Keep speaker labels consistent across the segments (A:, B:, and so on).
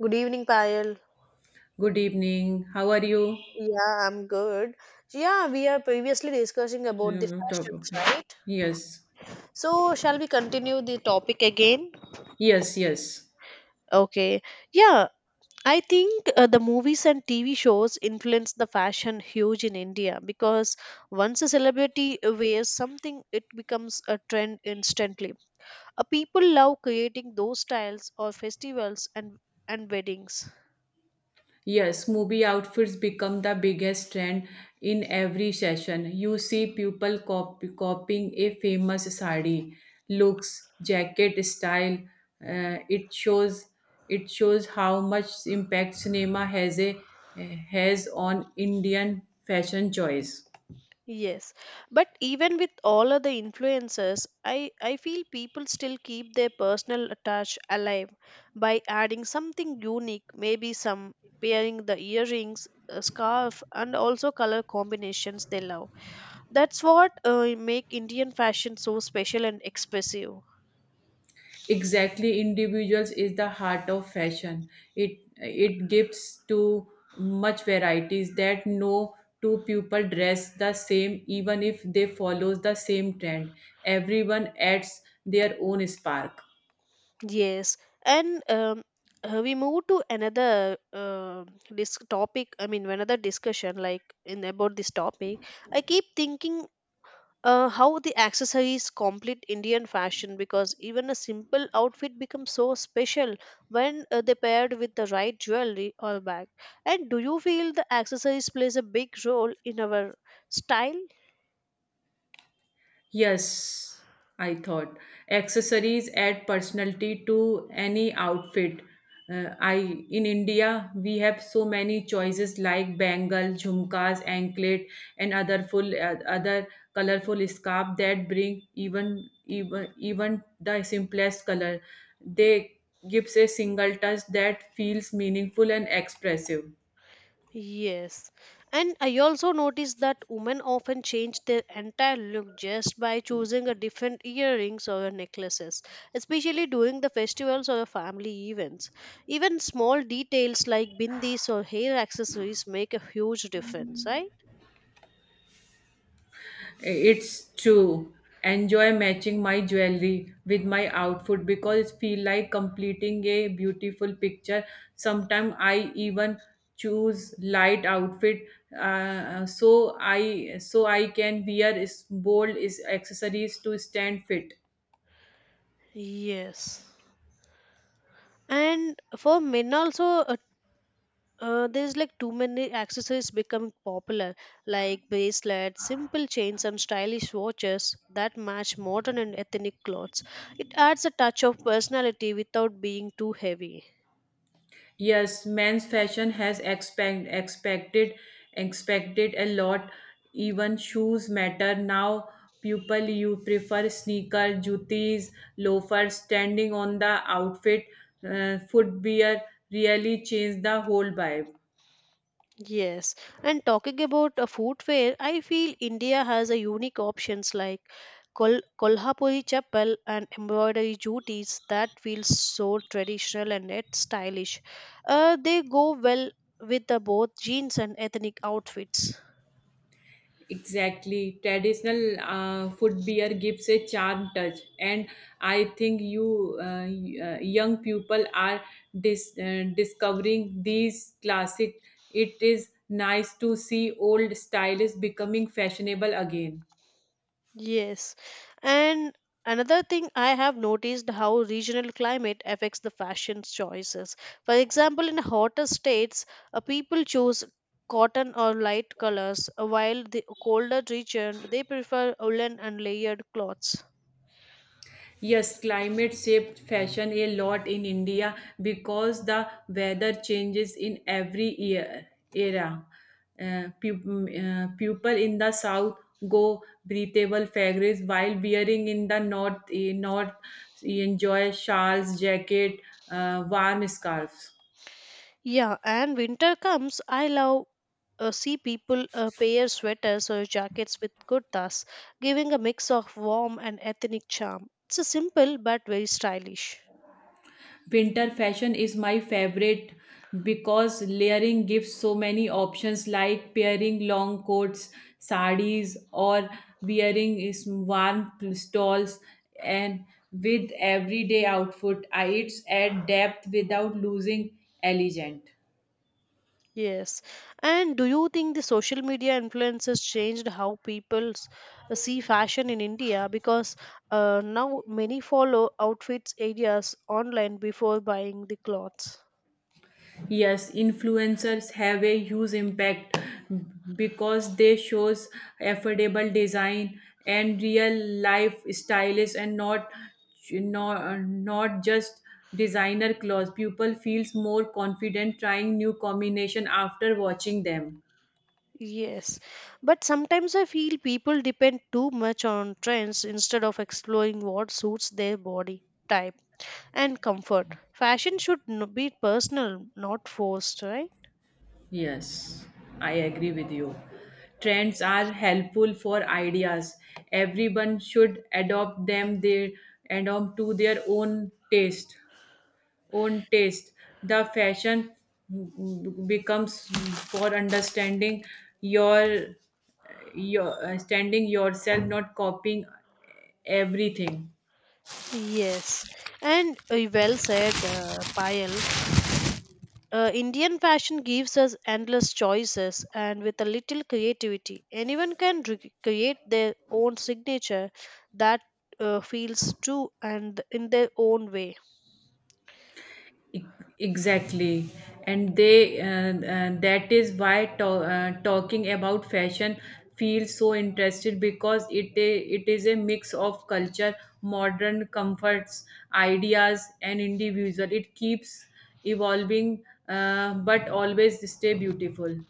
A: Good evening, Payal.
B: Good evening. How are you?
A: Yeah, I'm good. So, we are previously discussing about the
B: Yeah,
A: fashions,
B: Okay.
A: right?
B: Yes.
A: So, shall we continue the topic again?
B: Yes, yes.
A: Okay. Yeah, I think the movies and TV shows influence the fashion huge in India because once a celebrity wears something, it becomes a trend instantly. People love creating those styles or festivals and weddings.
B: Yes, movie outfits become the biggest trend in every session. You see people copying a famous sari looks, jacket style. Uh, it shows it shows how much impact cinema has on Indian fashion choice.
A: Yes, but even with all other influences, I feel people still keep their personal touch alive by adding something unique, maybe some pairing the earrings, a scarf, and also color combinations they love. That's what make Indian fashion so special and expressive.
B: Exactly, individuals is the heart of fashion. It gives to much varieties that no two people dress the same even if they follows the same trend. Everyone adds their own spark.
A: Yes, and we move to another this topic. I mean, another discussion like in about this topic. I keep thinking how the accessories complete Indian fashion because even a simple outfit becomes so special when they paired with the right jewelry or bag. And do you feel the accessories plays a big role in our style?
B: Yes, I thought. Accessories add personality to any outfit. I In India we have so many choices like bangle, jhumkas, anklet, and other full other colorful scarf that bring even the simplest color. They gives a single touch that feels meaningful and expressive.
A: Yes. And I also noticed that women often change their entire look just by choosing a different earrings or necklaces, especially during the festivals or family events. Even small details like bindis or hair accessories make a huge difference, right?
B: It's true. Enjoy matching my jewelry with my outfit because it feel like completing a beautiful picture. Sometimes I even choose light outfit so I can wear is bold is accessories to stand fit.
A: Yes. And for men also, there's like too many accessories become popular like bracelets simple chains and stylish watches that match modern and ethnic clothes it adds a touch of personality without being too heavy.
B: Yes, men's fashion has expected a lot. Even shoes matter now. People you prefer sneaker, jutis, loafers. Standing on the outfit, footwear really change the whole vibe.
A: Yes, and talking about a footwear, I feel India has a unique options like kolhapuri chappal and embroidery jutis that feels so traditional and yet stylish. They go well with the both jeans and ethnic outfits.
B: Exactly. Traditional food beer gives a charm touch, and I think young people are discovering these classic. It is nice to see old styles becoming fashionable again.
A: Yes. And another thing I have noticed how regional climate affects the fashion choices. For example, in hotter states, people choose cotton or light colors, while the colder region they prefer woolen and layered cloths.
B: Yes, climate shaped fashion a lot in India because the weather changes in every year era. People in the south go breathable fabrics while wearing in the north enjoy shawls, jacket, warm scarves.
A: Yeah, and winter comes, I love see people pair sweaters or jackets with kurtas, giving a mix of warm and ethnic charm. It's a simple but very stylish.
B: Winter fashion is my favorite because layering gives so many options like pairing long coats, sarees, or wearing is warm stoles and with everyday outfit. It's add depth without losing elegant.
A: Yes. And do you think the social media influences changed how people see fashion in India? Because now many follow outfits ideas online before buying the clothes.
B: Yes, influencers have a huge impact because they shows affordable design and real life stylists and not just designer clothes. People feels more confident trying new combination after watching them.
A: Yes. But sometimes I feel people depend too much on trends instead of exploring what suits their body type and comfort. Fashion should be personal, not forced, right?
B: Yes, I agree with you. Trends are helpful for ideas. Everyone should adopt to their own taste. own taste. The fashion becomes for understanding your your understanding yourself, not copying everything.
A: Yes. And well said, Payal. Indian fashion gives us endless choices, and with a little creativity, anyone can create their own signature that feels true and in their own way.
B: E- Exactly, and that is why to, talking about fashion feels so interested because it is a mix of culture, modern comforts, ideas, and individual. It keeps evolving, but always stay beautiful.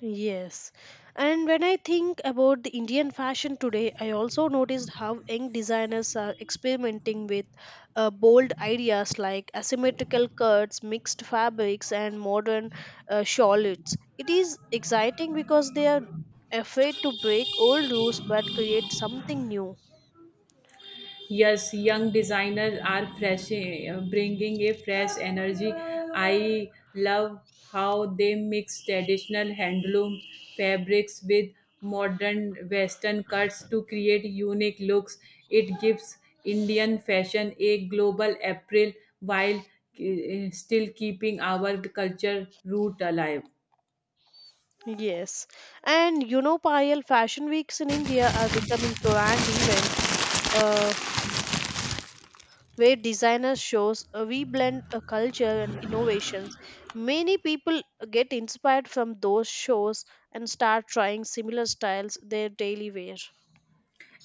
A: Yes. And when I think about the Indian fashion today, I also noticed how young designers are experimenting with bold ideas like asymmetrical cuts, mixed fabrics, and modern shawls. It is exciting because they are afraid to break old rules but create something new.
B: Yes, young designers are bringing a fresh energy. I love how they mix traditional handloom fabrics with modern western cuts to create unique looks. It gives Indian fashion a global appeal while still keeping our culture root alive.
A: Yes. And you know, Payal, fashion weeks in India are becoming grand events. Uh, where designer shows we blend a culture and innovations. Many people get inspired from those shows and start trying similar styles their daily wear.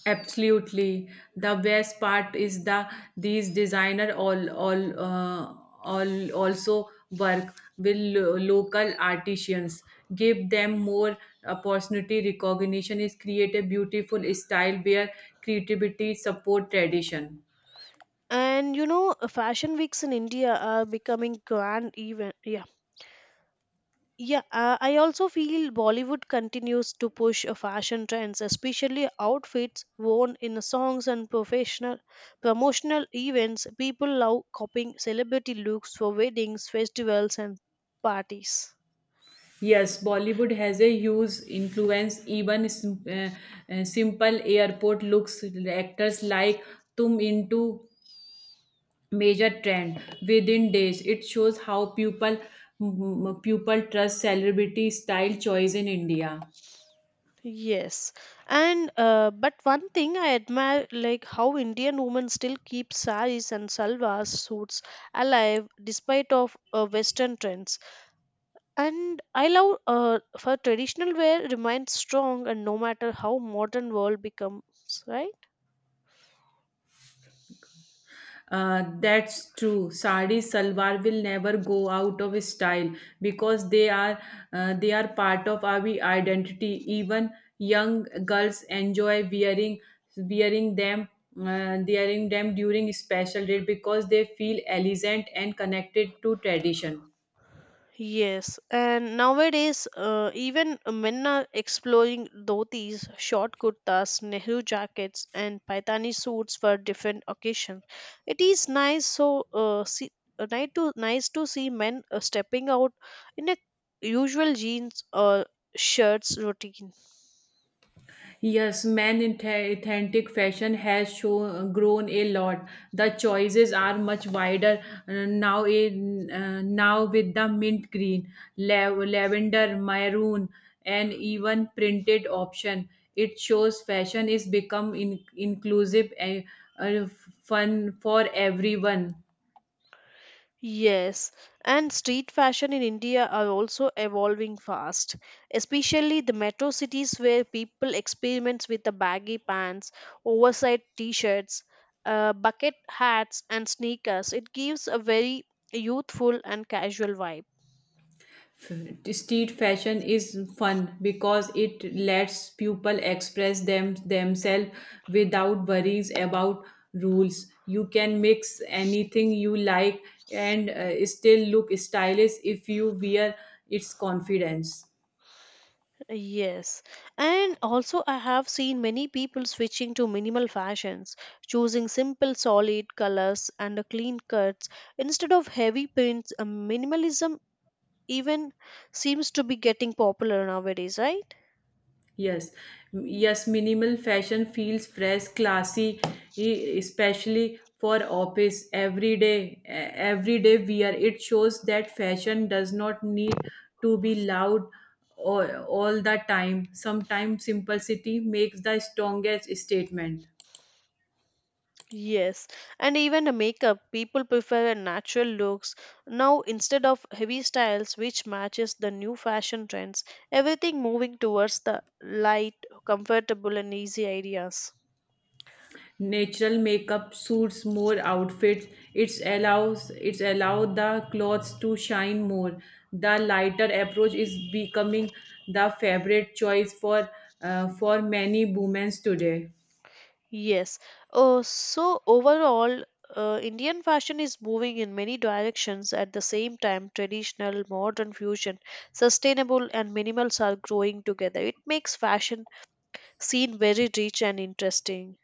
B: Absolutely. The best part is these designer all also work with local artisans. Give them more opportunity. Recognition is create a beautiful style where creativity support tradition.
A: And you know, fashion weeks in India are becoming grand event. Yeah, I also feel Bollywood continues to push fashion trends, especially outfits worn in songs and professional promotional events. People love copying celebrity looks for weddings, festivals, and parties.
B: Yes, Bollywood has a huge influence. Even simple airport looks actors like Tum into major trend within days. It shows how people trust celebrity style choice in India.
A: Yes, and but one thing I admire, like how Indian women still keep saris and salwar suits alive despite of Western trends. And I love for traditional wear remains strong and no matter how modern world becomes, right?
B: That's true. Sari salwar will never go out of style because they are part of our identity. Even young girls enjoy wearing them wearing them during special day because they feel elegant and connected to tradition.
A: Yes, and nowadays even men are exploring dhotis, short kurtas, Nehru jackets, and paitani suits for different occasions. It is nice so see, nice to nice to see men stepping out in a usual jeans or shirts routine.
B: Yes, men in authentic fashion has shown grown a lot. The choices are much wider now. In now with the mint green, lavender, maroon, and even printed option, it shows fashion is become inclusive and uh, fun for everyone.
A: Yes, and street fashion in India are also evolving fast, especially the metro cities where people experiment with the baggy pants, oversized t-shirts, bucket hats, and sneakers. It gives a very youthful and casual vibe.
B: Street fashion is fun because it lets people express themselves without worries about rules. You can mix anything you like and still look stylish if you wear its confidence.
A: Yes, and also I have seen many people switching to minimal fashions, choosing simple solid colors and clean cuts instead of heavy prints. Minimalism even seems to be getting popular nowadays, right?
B: Yes, yes, minimal fashion feels fresh, classy, especially for office, everyday wear. It shows that fashion does not need to be loud all the time. Sometimes simplicity makes the strongest statement.
A: Yes, and even the makeup, people prefer natural looks now instead of heavy styles, which matches the new fashion trends. Everything moving towards the light, comfortable, and easy ideas.
B: Natural makeup suits more outfits. It's allow the clothes to shine more. The lighter approach is becoming the favorite choice for many women today.
A: Yes. So overall, Indian fashion is moving in many directions at the same time. Traditional, modern fusion, sustainable, and minimals are growing together. It makes fashion seen very rich and interesting.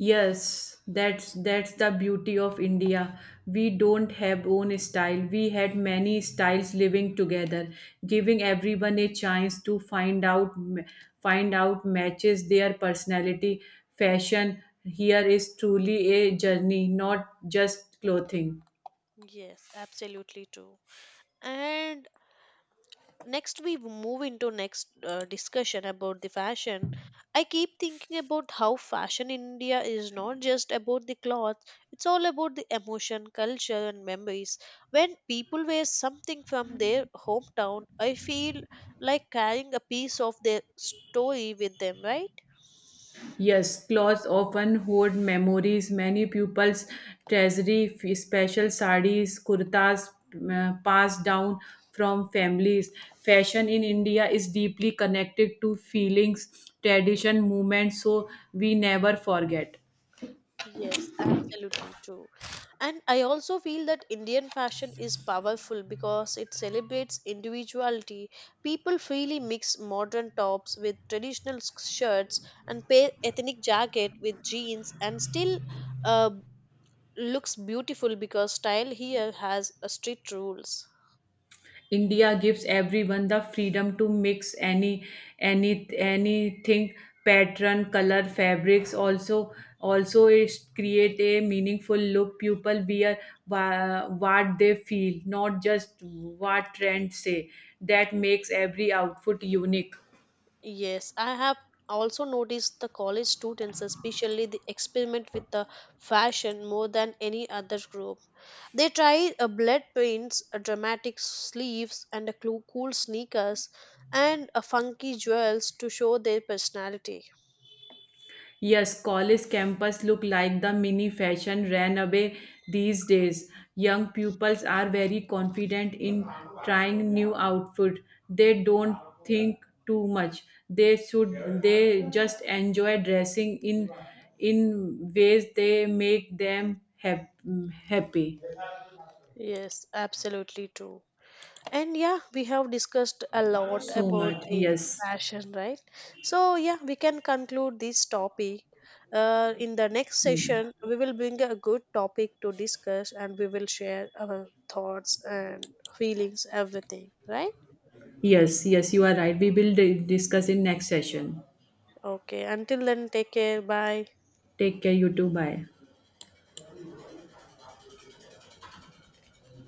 B: Yes, that's the beauty of India. We don't have own style. We had many styles living together, giving everyone a chance to find out matches their personality. Fashion here is truly a journey, not just clothing.
A: Yes, absolutely true. And next we move into next discussion about the fashion. I keep thinking about how fashion in India is not just about the clothes, it's all about the emotion, culture and memories. When people wear something from their hometown, I feel like carrying a piece of their story with them, right?
B: Yes, clothes often hold memories. Many pupils treasury special sarees, kurtas passed down from families. Fashion in India is deeply connected to feelings, tradition, movement, so we never forget.
A: Yes, absolutely true. And I also feel that Indian fashion is powerful because it celebrates individuality. People freely mix modern tops with traditional shirts and pair ethnic jacket with jeans and still uh, looks beautiful because style here has a strict rules.
B: India gives everyone the freedom to mix anything pattern color fabrics also also it create a meaningful look people wear what they feel not just what trends say that makes every outfit unique.
A: Yes, I have also noticed the college students, especially the experiment with the fashion more than any other group. They try a blend paints, a dramatic sleeves, and a cool sneakers, and a funky jewels to show their personality.
B: Yes, college campus look like the mini fashion ran away these days. Young pupils are very confident in trying new outfit. They don't think too much. They should they just enjoy dressing in ways they make them happy.
A: Yes, absolutely true. And yeah, we have discussed a lot
B: So
A: about
B: much.
A: the
B: Yes.
A: fashion, right? So, yeah, we can conclude this topic. In the next session, we will bring a good topic to discuss and we will share our thoughts and feelings, everything, right?
B: Yes, yes, you are right. We will discuss in next session.
A: Okay, until then, take care. Bye.
B: Take care, you too. Bye.